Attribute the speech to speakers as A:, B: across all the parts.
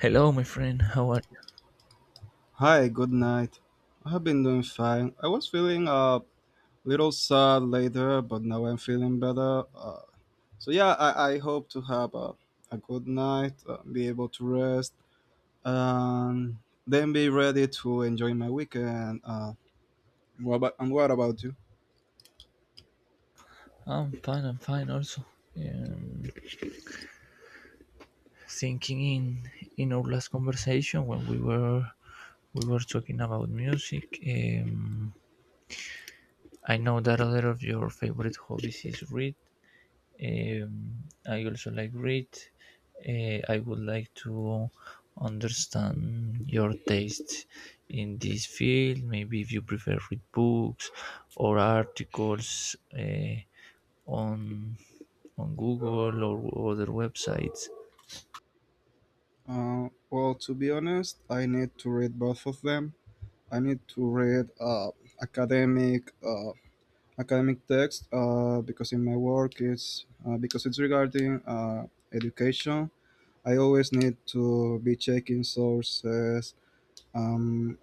A: Hello, my friend. How are you?
B: Hi, good night. I have been doing fine. I was feeling a little sad later, but now I'm feeling better. So yeah, I hope to have a good night, be able to rest, and then be ready to enjoy my weekend. What about, and what about you?
A: I'm fine. I'm fine. Also, um, thinking in our last conversation when we were talking about music. I know that a lot of your favorite hobbies is read. Um, I also like read. I would like to understand your taste in this field. Maybe if you prefer read books or articles. On Google or other websites.
B: Well, to be honest, I need to read both of them. I need to read academic uh, academic text because in my work it's because it's regarding education. I always need to be checking sources, um,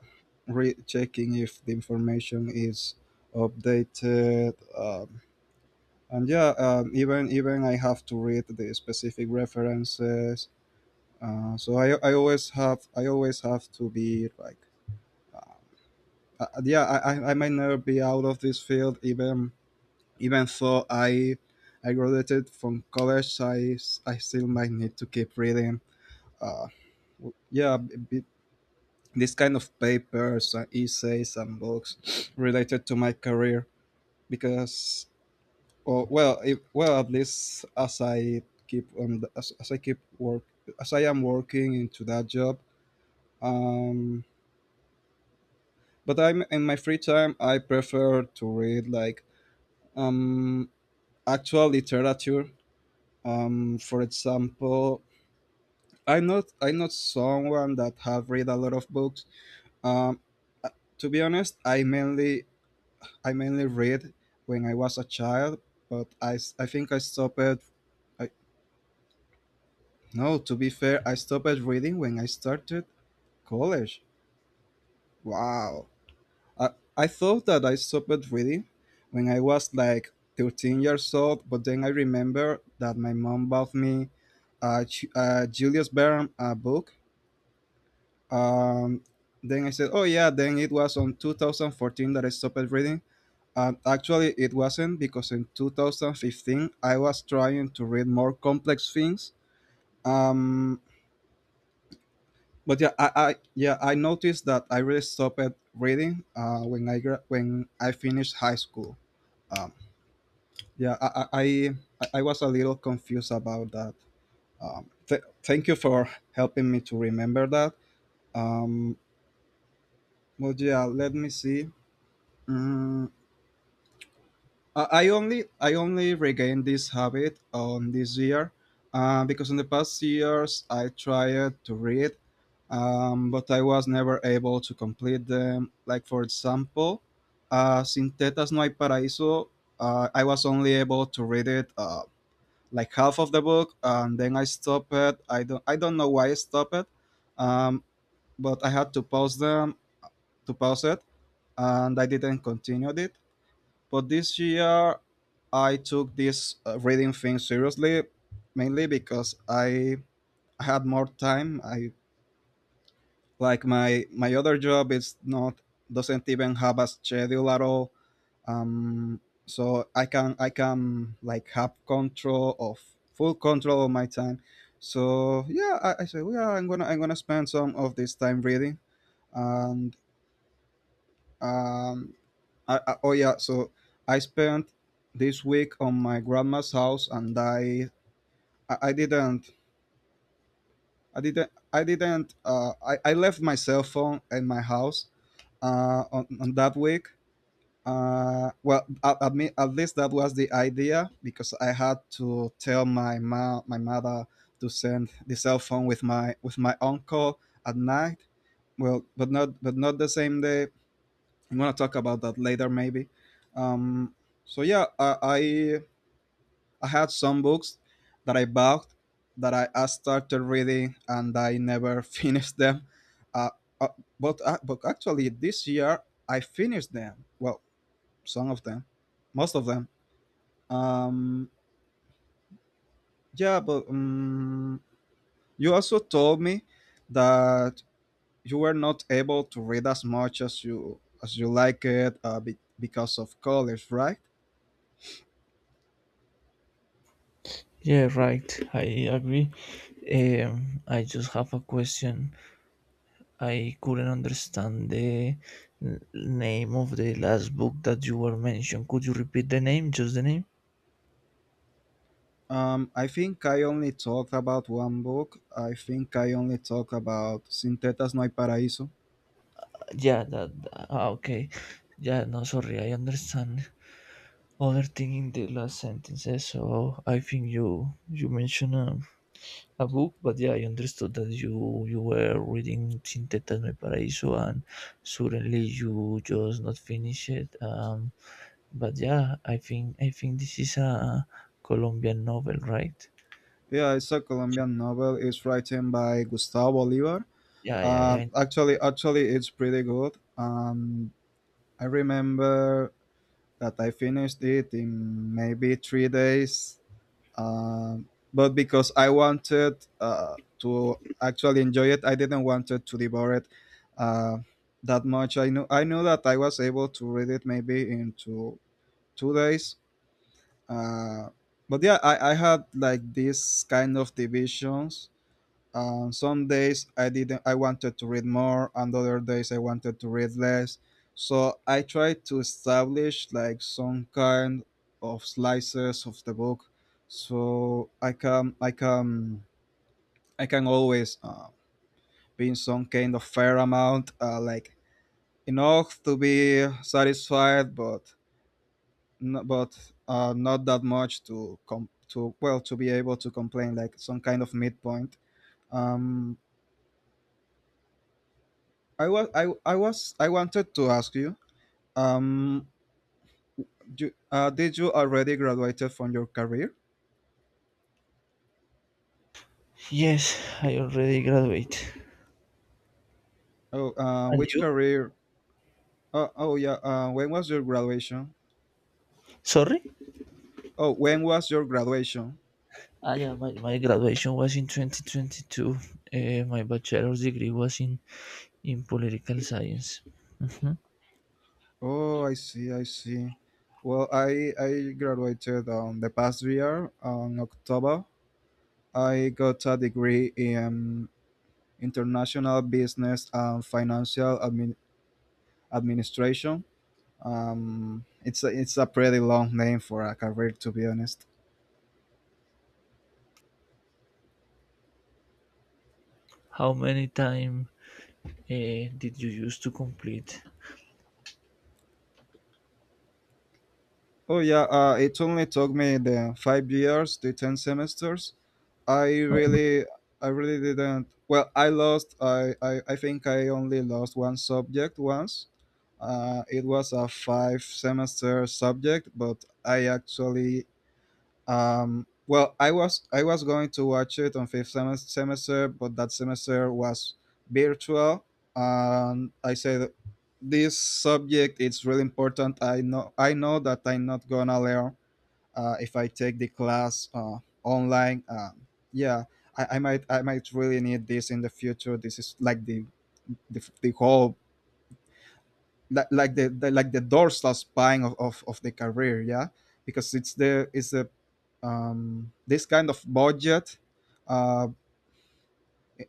B: re-checking if the information is updated, and yeah, even even I have to read the specific references. Uh, I always have to be like uh, yeah, I might never be out of this field, even even though I graduated from college, I still might need to keep reading. Uh, w- yeah, b- b- this kind of papers, essays, and books related to my career, because, oh, well, if, well, at least as I keep on the, as I keep work as I am working into that job. Um, but I'm in my free time, I prefer to read like um actual literature. For example, I'm not someone that have read a lot of books. Um, uh, to be honest, I mainly read when I was a child, but I think I stopped. I, no, to be fair, I stopped reading when I started college. Wow, I I thought that I stopped reading when I was like 13 years old, but then I remember that my mom bought me Julius Verne book. Um, then I said, oh yeah, then it was on 2014 that I stopped reading. And actually, it wasn't, because in 2015 I was trying to read more complex things. Um, but yeah, I noticed that I really stopped reading uh, when I finished high school. Um, yeah, I I was a little confused about that. Thank you for helping me to remember that. Um, but yeah, let me see. Mm, Uh, I only regained this habit on this year, because in the past years I tried to read, but I was never able to complete them. Like for example, Sin Tetas No Hay Paraíso, I was only able to read it like half of the book, and then I stopped it. I don't know why I stopped it, um, but I had to pause it, and I didn't continue it. But this year, I took this reading thing seriously, mainly because I had more time. I like my other job is not doesn't even have a schedule at all. So I can like have control of full control of my time. So yeah, I said, yeah, I'm gonna spend some of this time reading, and um, oh yeah, so I spent this week on my grandma's house, and I didn't I didn't I didn't I left my cell phone in my house uh, on that week. Uh, well, I mean, at least that was the idea because I had to tell my mother to send the cell phone with my uncle at night. Well, but not the same day. I'm gonna talk about that later, maybe. Um, so yeah, I had some books that I bought, that I started reading and I never finished them. Uh, uh, but actually, this year I finished them. Well, some of them, most of them. Um, yeah, but you also told me that you were not able to read as much as you like it, because of college, right?
A: Yeah, right. I agree. I just have a question. I couldn't understand the name of the last book that you were mentioned. Could you repeat the name? Just the name?
B: I think I only talked about one book. I think I only talked about Sin Tetas No Hay Paraíso.
A: Yeah, that. Ah, okay. Yeah, no, sorry. I understand. Other thing in the last sentences. So I think you mentioned a book, but yeah, I understood that you were reading Sin Tetas My Paraíso and suddenly you just not finish it. But yeah, I think this is a Colombian novel, right?
B: Yeah, it's a Colombian novel. It's written by Gustavo Bolívar.
A: Yeah, yeah,
B: Uh,
A: yeah.
B: actually, actually, it's pretty good. I remember that I finished it in maybe 3 days. But because I wanted to actually enjoy it, I didn't want it to devour it uh, that much. I knew that I was able to read it maybe into 2 days. Uh, but yeah, I had like these kind of divisions. Some days I didn't. I wanted to read more, and other days I wanted to read less. So I tried to establish like some kind of slices of the book, so I can always be in some kind of fair amount, like enough to be satisfied, but no, but not that much to to be able to complain, like some kind of midpoint. Um, I wanted to ask you, um did you already graduated from your career?
A: Yes, I already graduate.
B: Oh,
A: And
B: which
A: you?
B: career? Oh, oh yeah. When was your graduation?
A: Sorry?
B: Oh, when was your graduation?
A: Ah, yeah, my graduation was in 2022. My bachelor's degree was in political science. Mhm.
B: Oh, I see. I see. Well, I graduated on the past year on October. I got a degree in international business and administration. Um, it's a pretty long name for a career, to be honest.
A: How many time did you use to complete?
B: Oh yeah, it only took me the 5 years, the 10 semesters. I really, I really didn't. Well, I lost. I think I only lost one subject once. It was a five semester subject, but I actually— Well, I was going to watch it on fifth semester, but that semester was virtual, and I said this subject it's really important. I know that I'm not gonna learn if I take the class online. Um, yeah, I might really need this in the future. This is like the whole like the like the dorsal spine of the career, yeah, because it's the, this kind of budget. uh,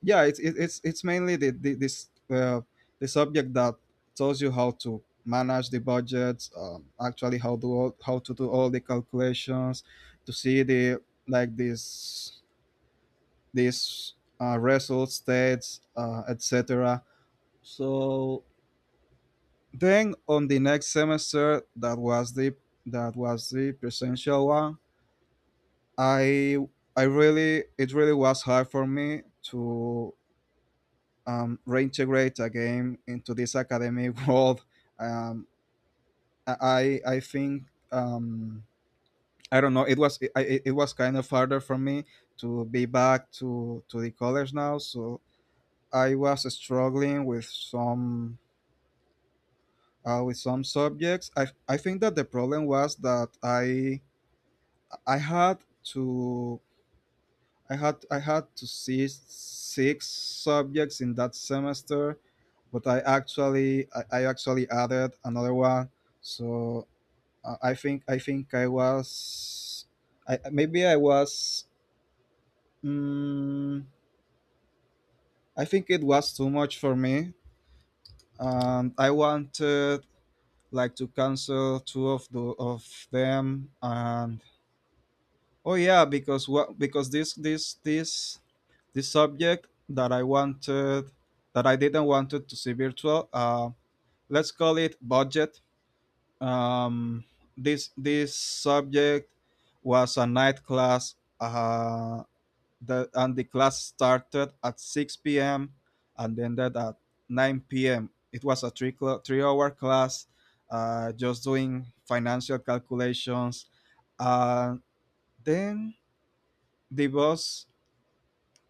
B: yeah it's it, it's it's mainly the subject that tells you how to manage the budgets, actually how to how to do all the calculations to see the, like, this result states, etc. So then on the next semester, that was the— presential one. I I really it really was hard for me to reintegrate again into this academic world. Um, I I I think um, I don't know. It was— it was kind of harder for me to be back to the college now. So I was struggling with some subjects. I think that the problem was that I had to I had— I had to see 6 subjects in that semester, but I actually added another one. So I think I was— I maybe I was mm I think it was too much for me, and I wanted like to cancel two of them, and oh yeah, because what because This subject that I wanted, that I didn't wanted to see virtual. Let's call it budget. Um, this subject was a night class. Uh, the and the class started at 6 p.m. and ended at 9 p.m. It was a 3 hour class, just doing financial calculations. Uh, then the boss—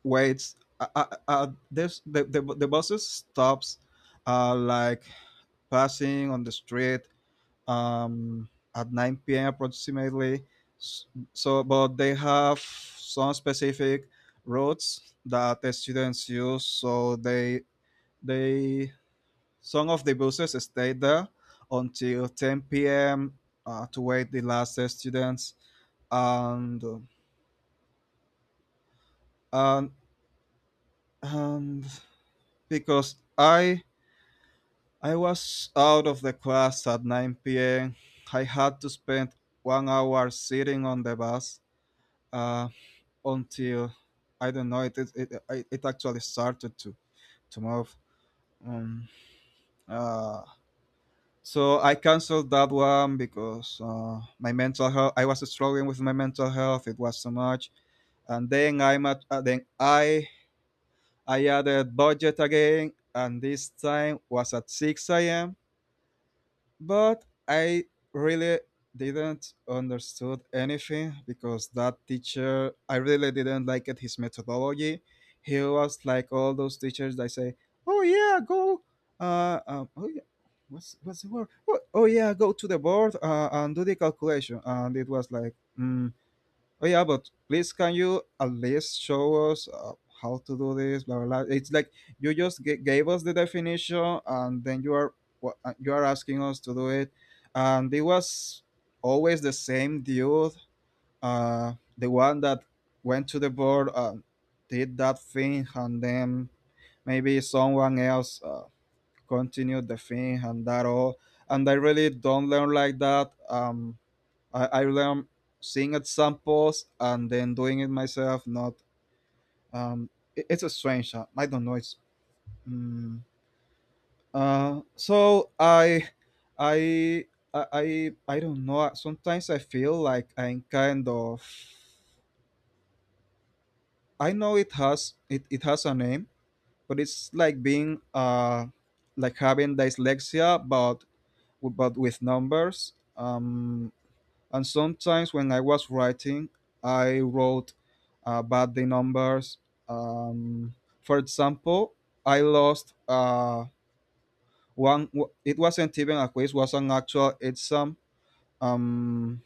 B: wait, there's the buses stops, like passing on the street um at 9 p.m. approximately. So, but they have some specific routes that the students use. So they some of the buses stay there until 10 p.m. To wait the last students, and and and because I was out of the class at 9 p.m. I had to spend 1 hour sitting on the bus uh, until, I don't know, it actually started to move. Um, uh, so I canceled that one because my mental health. I was struggling with my mental health. It was so much, and then then I added budget again, and this time was at 6 a.m. But I really didn't understood anything because that teacher I really didn't like it his methodology. He was like all those teachers that say, "Oh yeah, go, oh yeah, what's the word? Oh, oh yeah, go to the board and do the calculation." And it was like, mm, oh yeah, but please can you at least show us how to do this? Blah blah, blah. It's like you just gave us the definition, and then you are you are asking us to do it, and it was always the same dude, the one that went to the board and did that thing, and then maybe someone else continued the thing and that all. And I really don't learn like that. I learned seeing at samples and then doing it myself. Not um, it's a strange. I don't know. It's mm uh, so I I I I I don't know. Sometimes I feel like I'm kind of. I know it has it has a name, but it's like being like having dyslexia, but with numbers. Um, And sometimes when I was writing, I wrote about the numbers. Um, for example, I lost one. It wasn't even a quiz; was an actual exam. Um,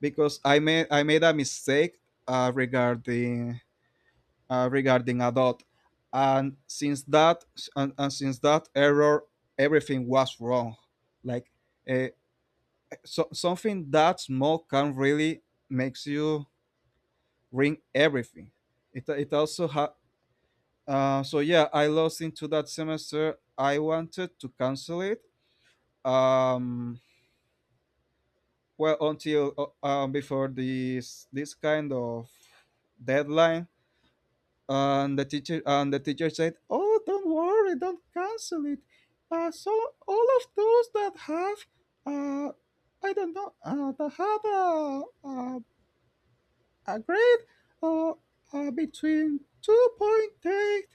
B: because I made a mistake uh, regarding regarding a dot, and since that and since that error, everything was wrong. Like uh, something that small can really makes you ring everything. It, it also ha- so yeah, I lost into that semester. I wanted to cancel it. Um, well, until before this kind of deadline, and the teacher said, "Oh, don't worry, don't cancel it." So all of those that have, uh, I don't know, that have a a grade uh, between 2.8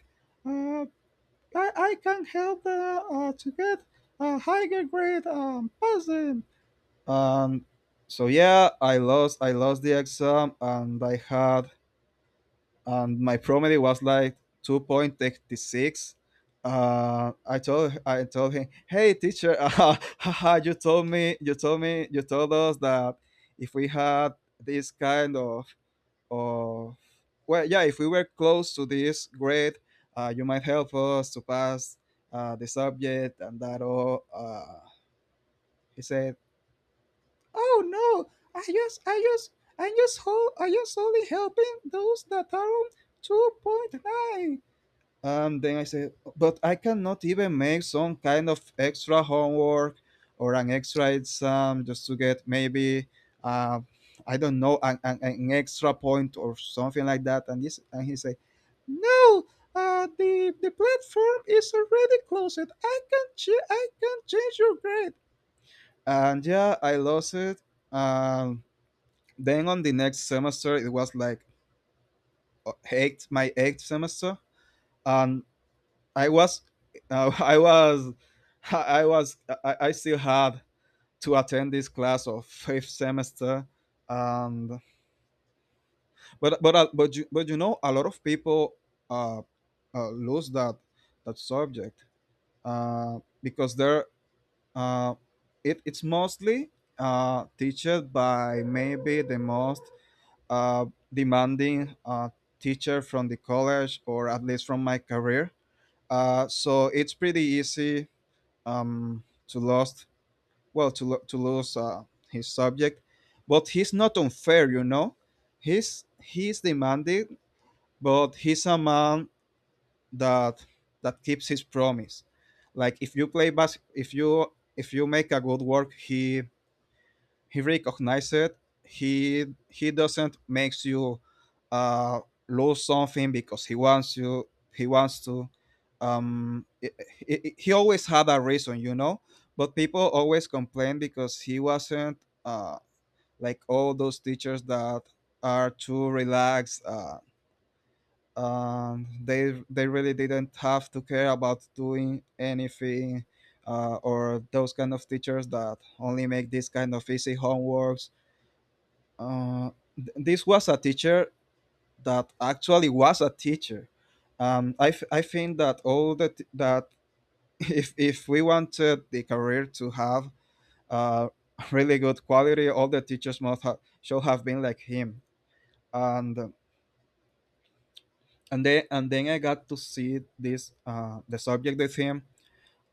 B: uh, I can help the, to get a higher grade pass them. And so yeah, I lost the exam, and I had and my promedy was like 2.86. I told him, "Hey, teacher, you told me, you told me, you told us that if we had this kind of of well yeah if we were close to this grade you might help us to pass the subject and that all." He said, "Oh no, i just i just I just only helping those that are on 2.9." And then I said, "But I cannot even make some kind of extra homework or an extra exam just to get maybe, uh, I don't know, an extra point or something like that." And he said, "No, the platform is already closed. I can I can change your grade." And yeah, I lost it. Um, then on the next semester, it was like my eighth semester, and I was, I was, I was, I still had to attend this class of fifth semester, and but you know, a lot of people uh, lose that subject because they're uh, it, it's mostly teached by maybe the most uh, demanding teacher from the college or at least from my career. So it's pretty easy to lost well to to lose his subject, but he's not unfair, you know. He's demanding, but he's a man that that keeps his promise. Like if you play if you make a good work, he recognizes it. He doesn't makes you uh, lose something because he wants you. He wants to. He always had a reason, you know. But people always complain because he wasn't uh, like all those teachers that are too relaxed. They really didn't have to care about doing anything, or those kind of teachers that only make this kind of easy homeworks. This was a teacher that actually was a teacher. I, I think that all that if we wanted the career to have uh, really good quality, all the teachers must have should have been like him. And and then I got to see this the subject with him,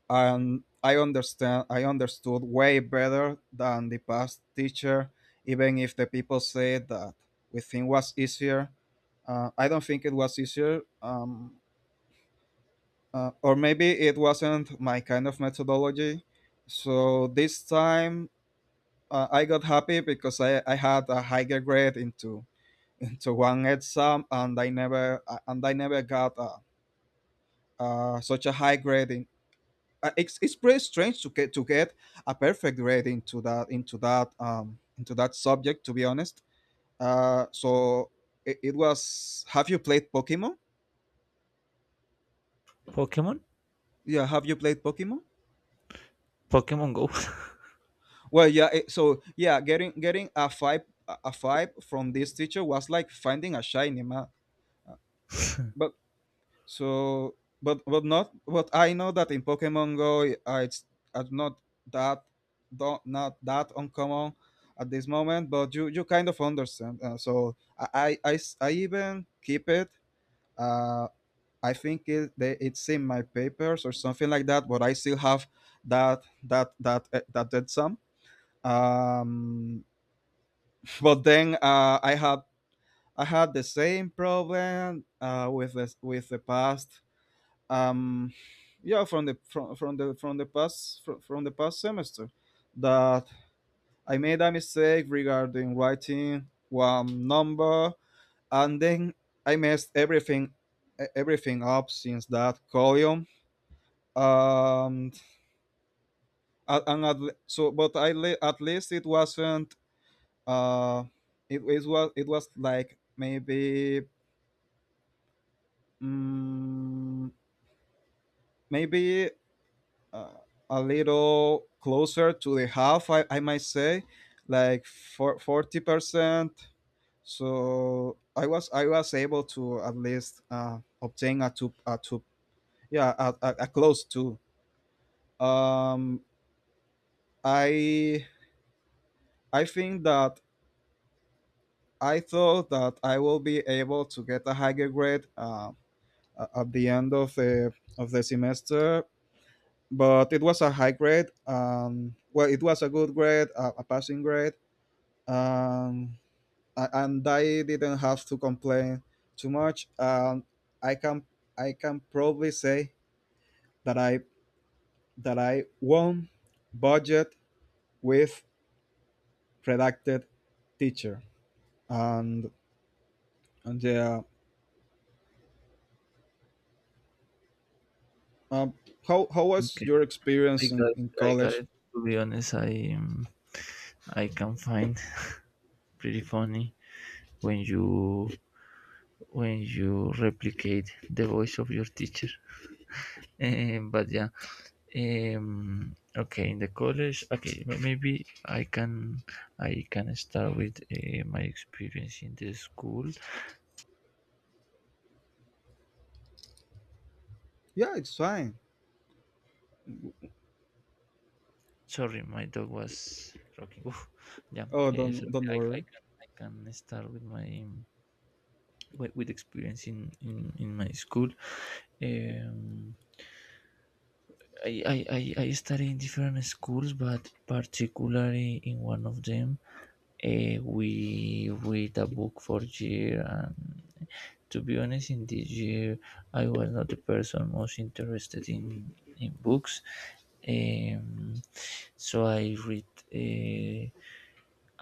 B: and I understood way better than the past teacher, even if the people said that we think was easier. I don't think it was easier, or maybe it wasn't my kind of methodology. So this time I got happy because I had a higher grade into one exam, and I never got such a high grade in it's pretty strange to get a perfect grade into that into that into that subject, to be honest. So it, it was have you played Pokemon?
A: Pokemon?
B: Yeah, have you played Pokemon?
A: Pokemon Go.
B: Well yeah, so yeah, getting a five, a five from this teacher was like finding a shiny man. So, but not. But I know that in Pokemon Go, it's not that don't not that uncommon at this moment. But you kind of understand. I even keep it. Uh, I think it's in my papers or something like that. But I still have that that dead sum. Um, but then I had the same problem with the past um yeah from the past semester that I made a mistake regarding writing one number, and then I messed everything everything up since that column. Um a- and at, le- so But at least it wasn't uh it, it was like maybe mm, maybe uh, a little closer to the half, I might say, like for 40%. So i was able to at least obtain a two, yeah, a close two. um i I think that I thought that I will be able to get a higher grade, at the end of the semester. But it was a high grade, well, it was a good grade, a passing grade. um, and I didn't have to complain too much. I can I can probably say that I that I won budget with redacted teacher. And and yeah. um, how was
A: Okay,
B: your experience in
A: I got
B: college?
A: it. To be honest, I can find pretty funny when you replicate the voice of your teacher. But yeah, okay. In the college, okay, maybe I can start with my experience in the school.
B: Yeah, it's fine.
A: Sorry, my dog was rocking. Oof. Yeah,
B: Oh,
A: so
B: don't
A: I, I
B: worry.
A: can I can start with my with experience in my school. um, I, I, I studied in different schools, but particularly in one of them, we read a book for year, and to be honest, in this year I was not the person most interested in books. um, so I read uh,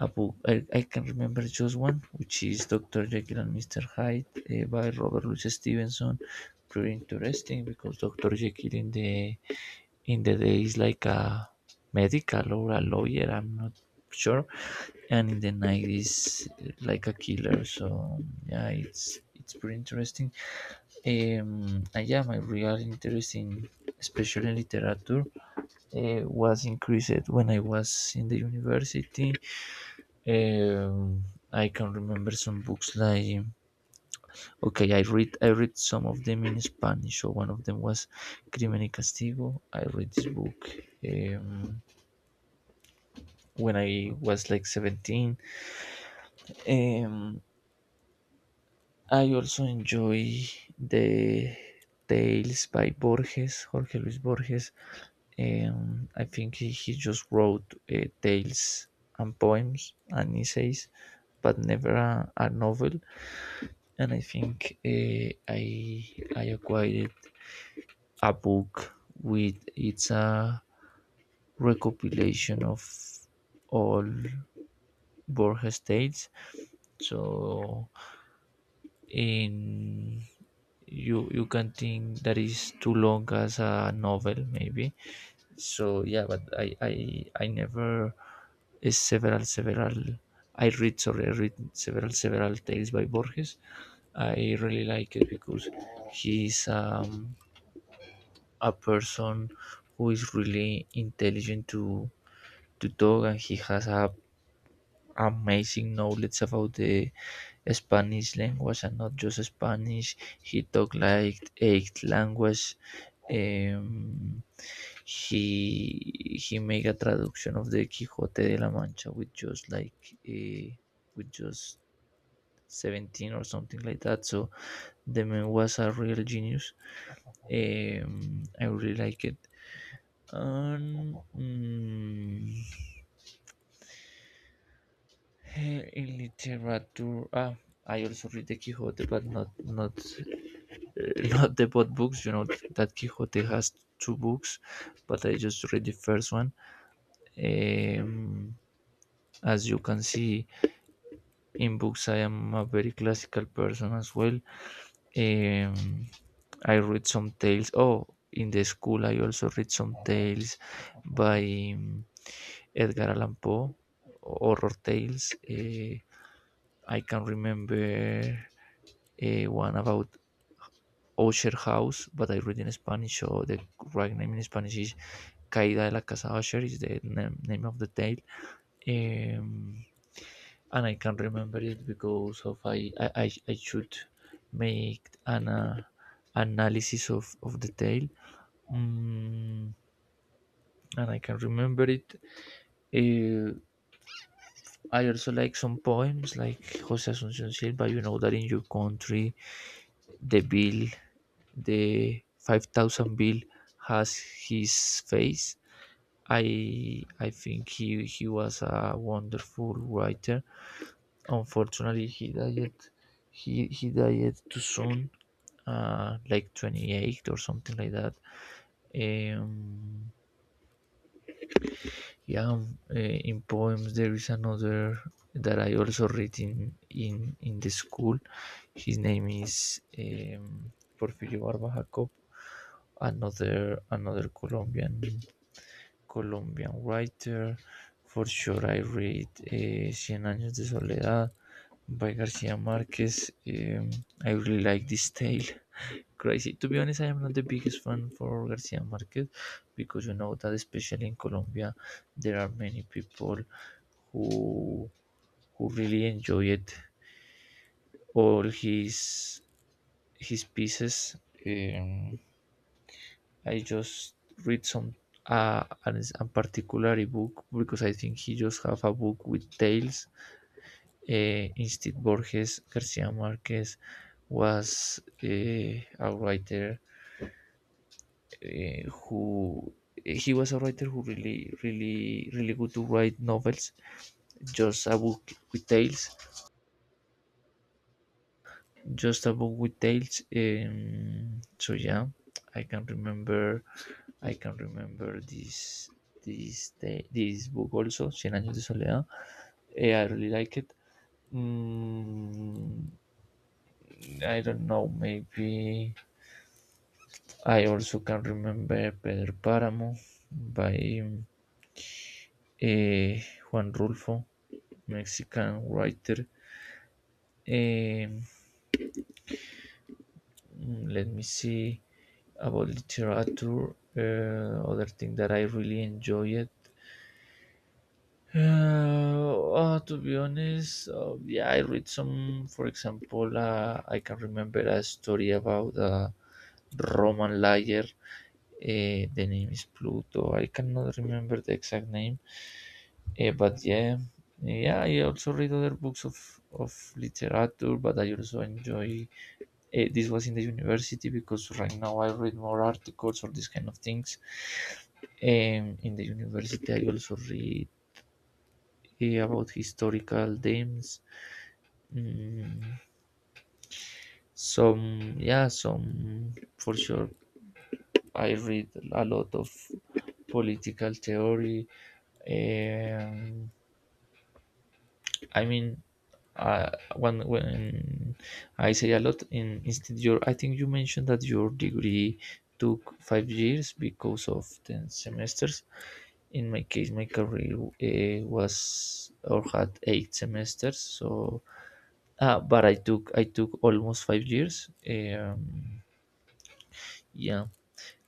A: a book. I can remember just one, which is Dr. Jekyll and Mr. Hyde by Robert Louis Stevenson. Pretty interesting because Dr. Jekyll in the day is like a medical or a lawyer. I'm not sure, and in the night is like a killer. So yeah, it's pretty interesting. And yeah, my real interest in, especially in literature, was increased when I was in the university. um, I can remember some books like, okay, I read some of them in Spanish. So one of them was Crimen y Castigo. I read this book um, when I was like 17. Um, I also enjoy the tales by Borges, Jorge Luis Borges. I think he just wrote tales and poems and essays, but never a novel. And I think I acquired a book with, it's a recopilation of all Borges tales. So in you can think that is too long as a novel maybe. So yeah, but I never is several several I read, sorry, I read several tales by Borges. I really like it because he's a person who is really intelligent to talk, and he has a amazing knowledge about the Spanish language, and not just Spanish. He talk like eight language. Um, he make a traduction of the Quixote de la Mancha with just like uh, with just 17 or something like that. So the man was a real genius. I really like it. Um, mm, in literature, I also read the Quixote, but not not the both books. You know that Quixote has two books, but I just read the first one. Um, as you can see, in books, I am a very classical person as well. Um, I read some tales. Oh, in the school, I also read some tales by um, Edgar Allan Poe, horror tales. I can remember one about Osher House, but I read in Spanish, so the right name in Spanish is Caída de la Casa Osher, is the name, name of the tale. Um, and I can remember it because of should make an analysis of the tale. Mm, and I can remember it. Uh, I also like some poems like Jose Asuncion Silva. You know that in your country, the bill, the 5,000 bill, has his face. I think he was a wonderful writer. Unfortunately, he died too soon, like 28 or something like that. Um, Yeah, in poems there is another that I also read in the school. His name is Porfirio Barba Jacob, another Colombian writer. For sure, I read Cien Años de Soledad by García Márquez. I really like this tale, crazy. To be honest, I am not the biggest fan for Garcia Marquez, because you know that, especially in Colombia, there are many people who who really enjoy it, all his pieces. Um, I just read some a particular book because I think he just have a book with tales. Instead, Borges, Garcia Marquez was uh, a writer uh, who he was a writer who really really really good to write novels, just a book with tales, so yeah, i can remember I can remember this this book, also Cien años de soledad. I really like it. Mm, I don't know, maybe I also can remember Pedro Páramo by eh, Juan Rulfo, Mexican writer. Um, let me see about literature. Other thing that I really enjoyed. Uh, oh, to be honest, yeah, I read some. For example, I can remember a story about a Roman liar. The name is Pluto. I cannot remember the exact name, but yeah, yeah. I also read other books of literature, but I also enjoy, this was in the university because right now I read more articles or these kind of things. In the university, I also read, about historical names. Mm, some, yeah, some. For sure, I read a lot of political theory. Um, I mean, when I say a lot in, instead your, I think you mentioned that your degree took 5 years because of 10 semesters. In my case, my career was or had 8 semesters. So, but I took almost 5 years. Yeah,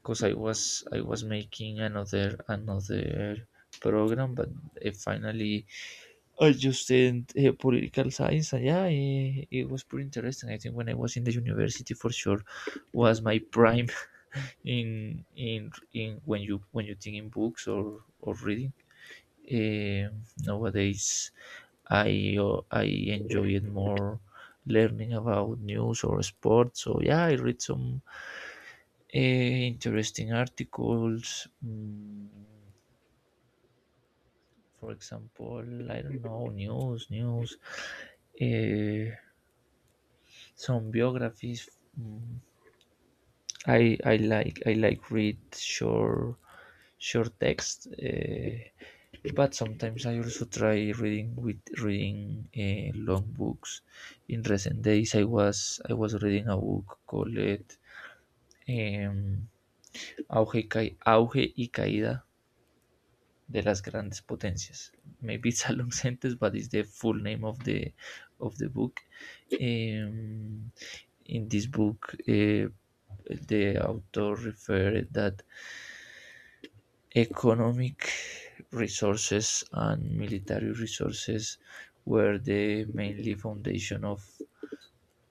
A: because I was making another program, but finally I just did political science, and yeah, it was pretty interesting. I think when I was in the university, for sure, was my prime in, when you think in books or reading. Nowadays, I enjoy it more learning about news or sports. So yeah, I read some interesting articles. For example, I don't know, news, eh, some biographies. mm, I like read short text, but sometimes I also try reading with reading long books. In recent days, I was reading a book called Auge, Auge y Caída de las Grandes Potencias. Maybe it's a long sentence, but it's the full name of the book. Um, in this book, the author referred that economic resources and military resources were the mainly foundation of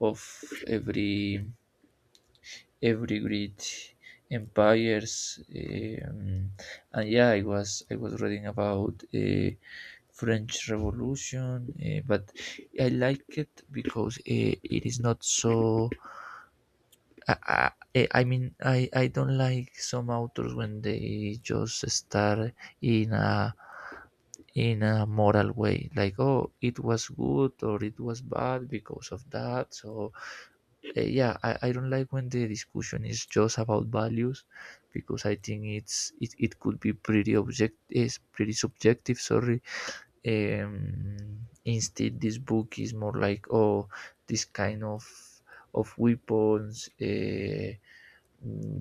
A: of every great empires. And yeah, I was reading about French Revolution, but I like it because it is not so, I mean, I don't like some authors when they just start in a moral way, like oh, it was good or it was bad because of that. So yeah, I don't like when the discussion is just about values, because I think it could be pretty object, is pretty subjective. Sorry. Instead, this book is more like, oh, this kind of weapons.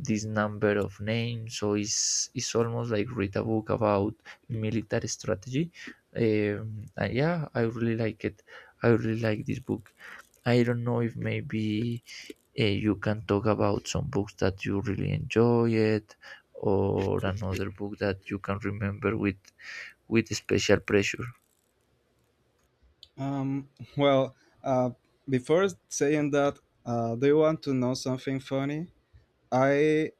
A: This number of names. So it's almost like read a book about military strategy. And yeah, I really like this book. I don't know if maybe you can talk about some books that you really enjoy it, or another book that you can remember with special pressure.
B: Um, well, uh, Before saying that, do you want to know something funny? I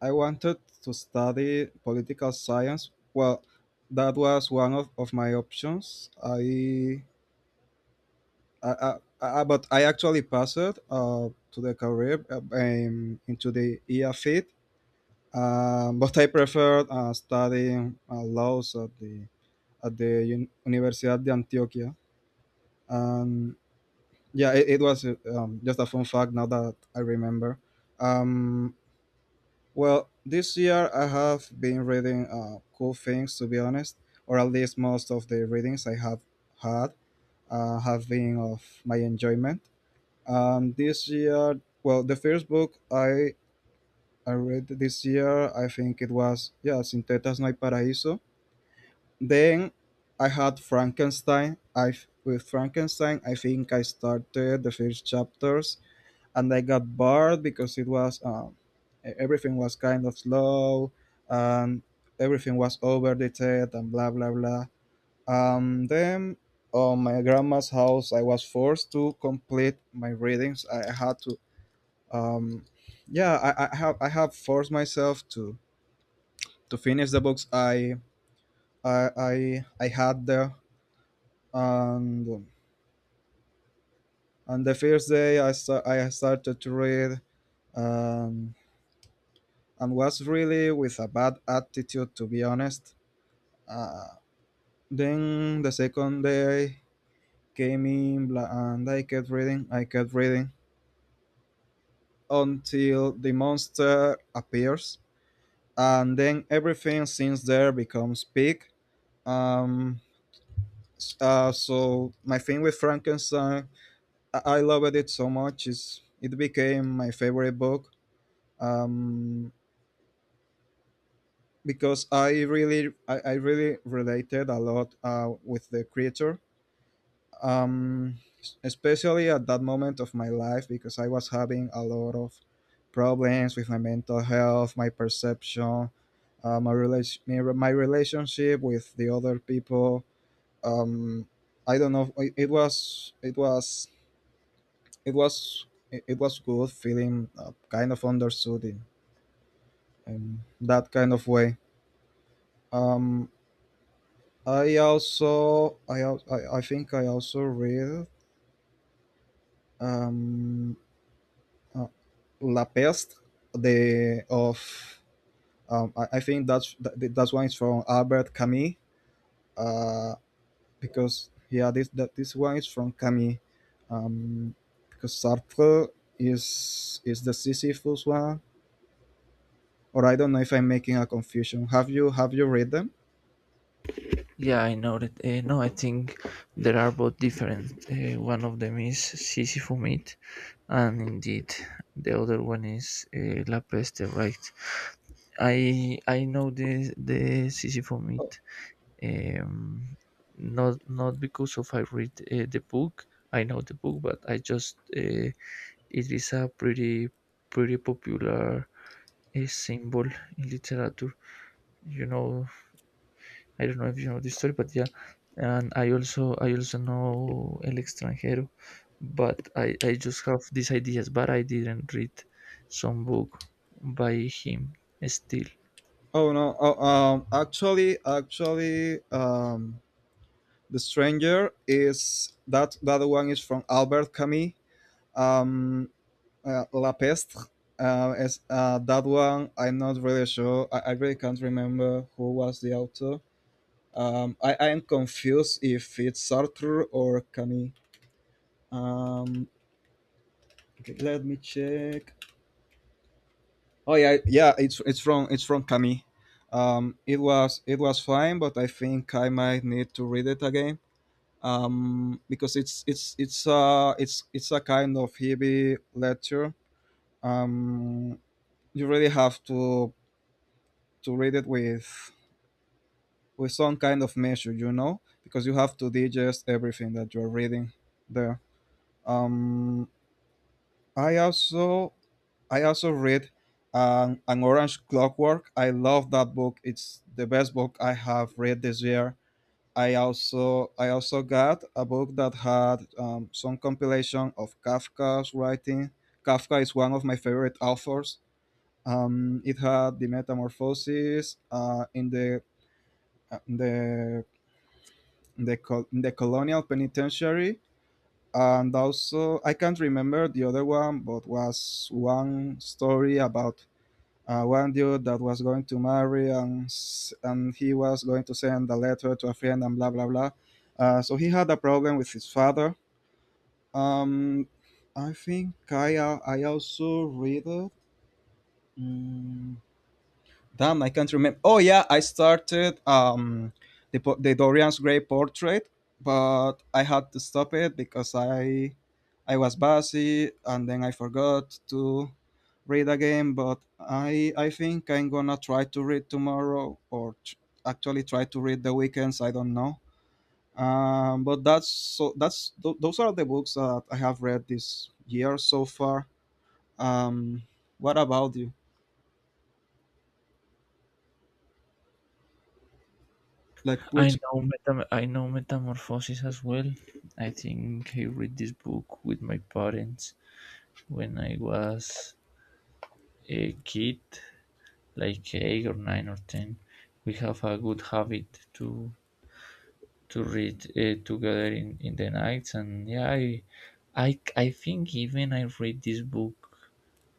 B: I wanted to study political science. Well, that was one of my options. But I actually passed to the career into the EAFIT. But I preferred studying laws at the Universidad de Antioquia. And yeah, it was just a fun fact, now that I remember. Um, Well, this year I have been reading cool things, to be honest, or at least most of the readings I have had have been of my enjoyment. This year, well, the first book I read this year, I think it was, yeah, Sintetas No Hay Paraíso. Then I had Frankenstein. I With Frankenstein, I think I started the first chapters and I got bored because it was everything was kind of slow, and everything was over detailed and blah blah blah. Then on my grandma's house, I was forced to complete my readings. I had to, um, yeah, I have forced myself to finish the books I had there and. On the first day, I started to read, um, and was really with a bad attitude, to be honest. Uh, then the second day came in and I kept reading until the monster appears, and then everything since there becomes big. Um, so my thing with Frankenstein, I loved it so much. It's, it became my favorite book. Um, because I really related a lot with the creature, um, especially at that moment of my life, because I was having a lot of problems with my mental health, my perception, my relationship with the other people. Um, I don't know. It was it, it was good feeling kind of understood in that kind of way. Um, I also I think I also read um, uh, La Peste, the of I think that's that one is from Albert Camus, uh, because yeah, this one is from Camus, um, because Sartre is the Sisyphus one, or I don't know if I'm making a confusion. Have you read them?
A: Yeah, I know that, no, I think there are both different. One of them is Sisyphus myth, and indeed the other one is La Peste, right? I know the Sisyphus myth, um, not because of I read the book. I know the book, but I just, it is a pretty popular, a symbol in literature. You know, I don't know if you know this story, but yeah. And I also know El Extranjero, but I just have these ideas, but I didn't read some book by him still.
B: Oh no, oh, actually, the Stranger, is that that one is from Albert Camus. Um, La Pestre. That one, I'm not really sure. I really can't remember who was the author. I am confused if it's Sartre or Camus. Um, okay, let me check. Oh yeah, yeah, it's it's from Camus. It was it was fine, but I think I might need to read it again, because it's a kind of heavy lecture. Um, you really have to read it with some kind of measure, you know, because you have to digest everything that you're reading there. Um, I also read an Orange Clockwork. I love that book. It's the best book I have read this year. I also got a book that had some compilation of Kafka's writing. Kafka is one of my favorite authors. It had the Metamorphoses uh, in the in the in the colonial penitentiary, and also I can't remember the other one, but was one story about one dude that was going to marry and and he was going to send a letter to a friend and blah blah blah. He had a problem with his father. Um, I think I also read it. Mm, Damn, I can't remember. Oh yeah, I started the Dorian's Gray portrait, but I had to stop it because I was busy and then I forgot to read again. But I think I'm gonna try to read tomorrow or actually try to read the weekends. I don't know. But that's those are the books that I have read this year so far. Um, what about you? Like which?
A: I know Metamorphosis as well. I think I read this book with my parents when I was a kid, like 8 or 9 or 10. We have a good habit to read together in the nights, and yeah, I, I think even I read this book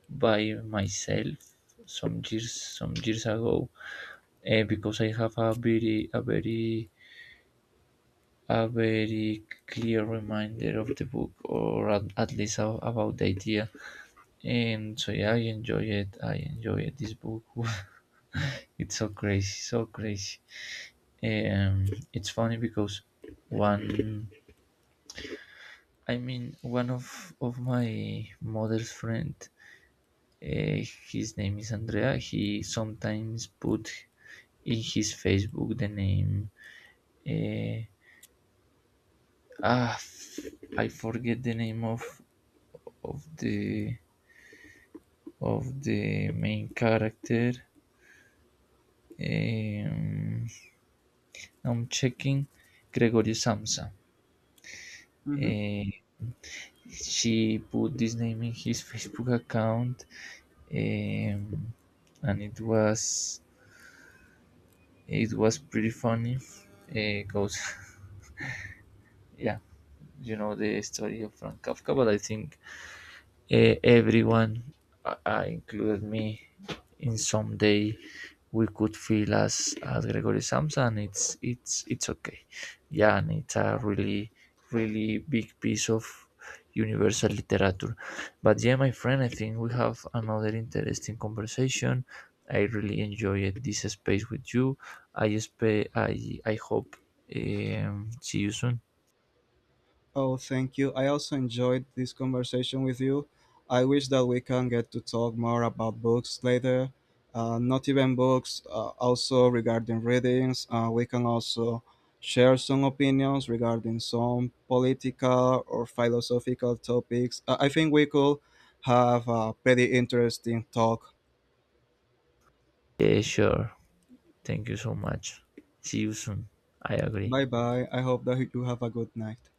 A: by myself some years ago because I have a very clear reminder of the book, or at least a, about the idea. And so yeah, I enjoy it this book. It's so crazy, um it's funny because one I mean, one of my mother's friend, uh, his name is Andrea. He sometimes put in his Facebook the name. Uh, ah, f- I forget the name of of the of the main character. Um, I'm checking Gregorio Samsa.
B: Mm-hmm.
A: Uh, she put this name in his Facebook account, um, and it was pretty funny because, yeah, you know the story of Franz Kafka, but I think, everyone, included me, in some day we could feel as Gregory Samson. It's okay. Yeah, and it's a really big piece of universal literature. But yeah, my friend, I think we have another interesting conversation. I really enjoyed this space with you. I hope see you soon.
B: Oh, thank you. I also enjoyed this conversation with you. I wish that we can get to talk more about books later. Not even books, also regarding readings. We can also share some opinions regarding some political or philosophical topics. I think we could have a pretty interesting talk.
A: Yeah, sure. Thank you so much. See you soon. I agree.
B: Bye bye. I hope that you have a good night.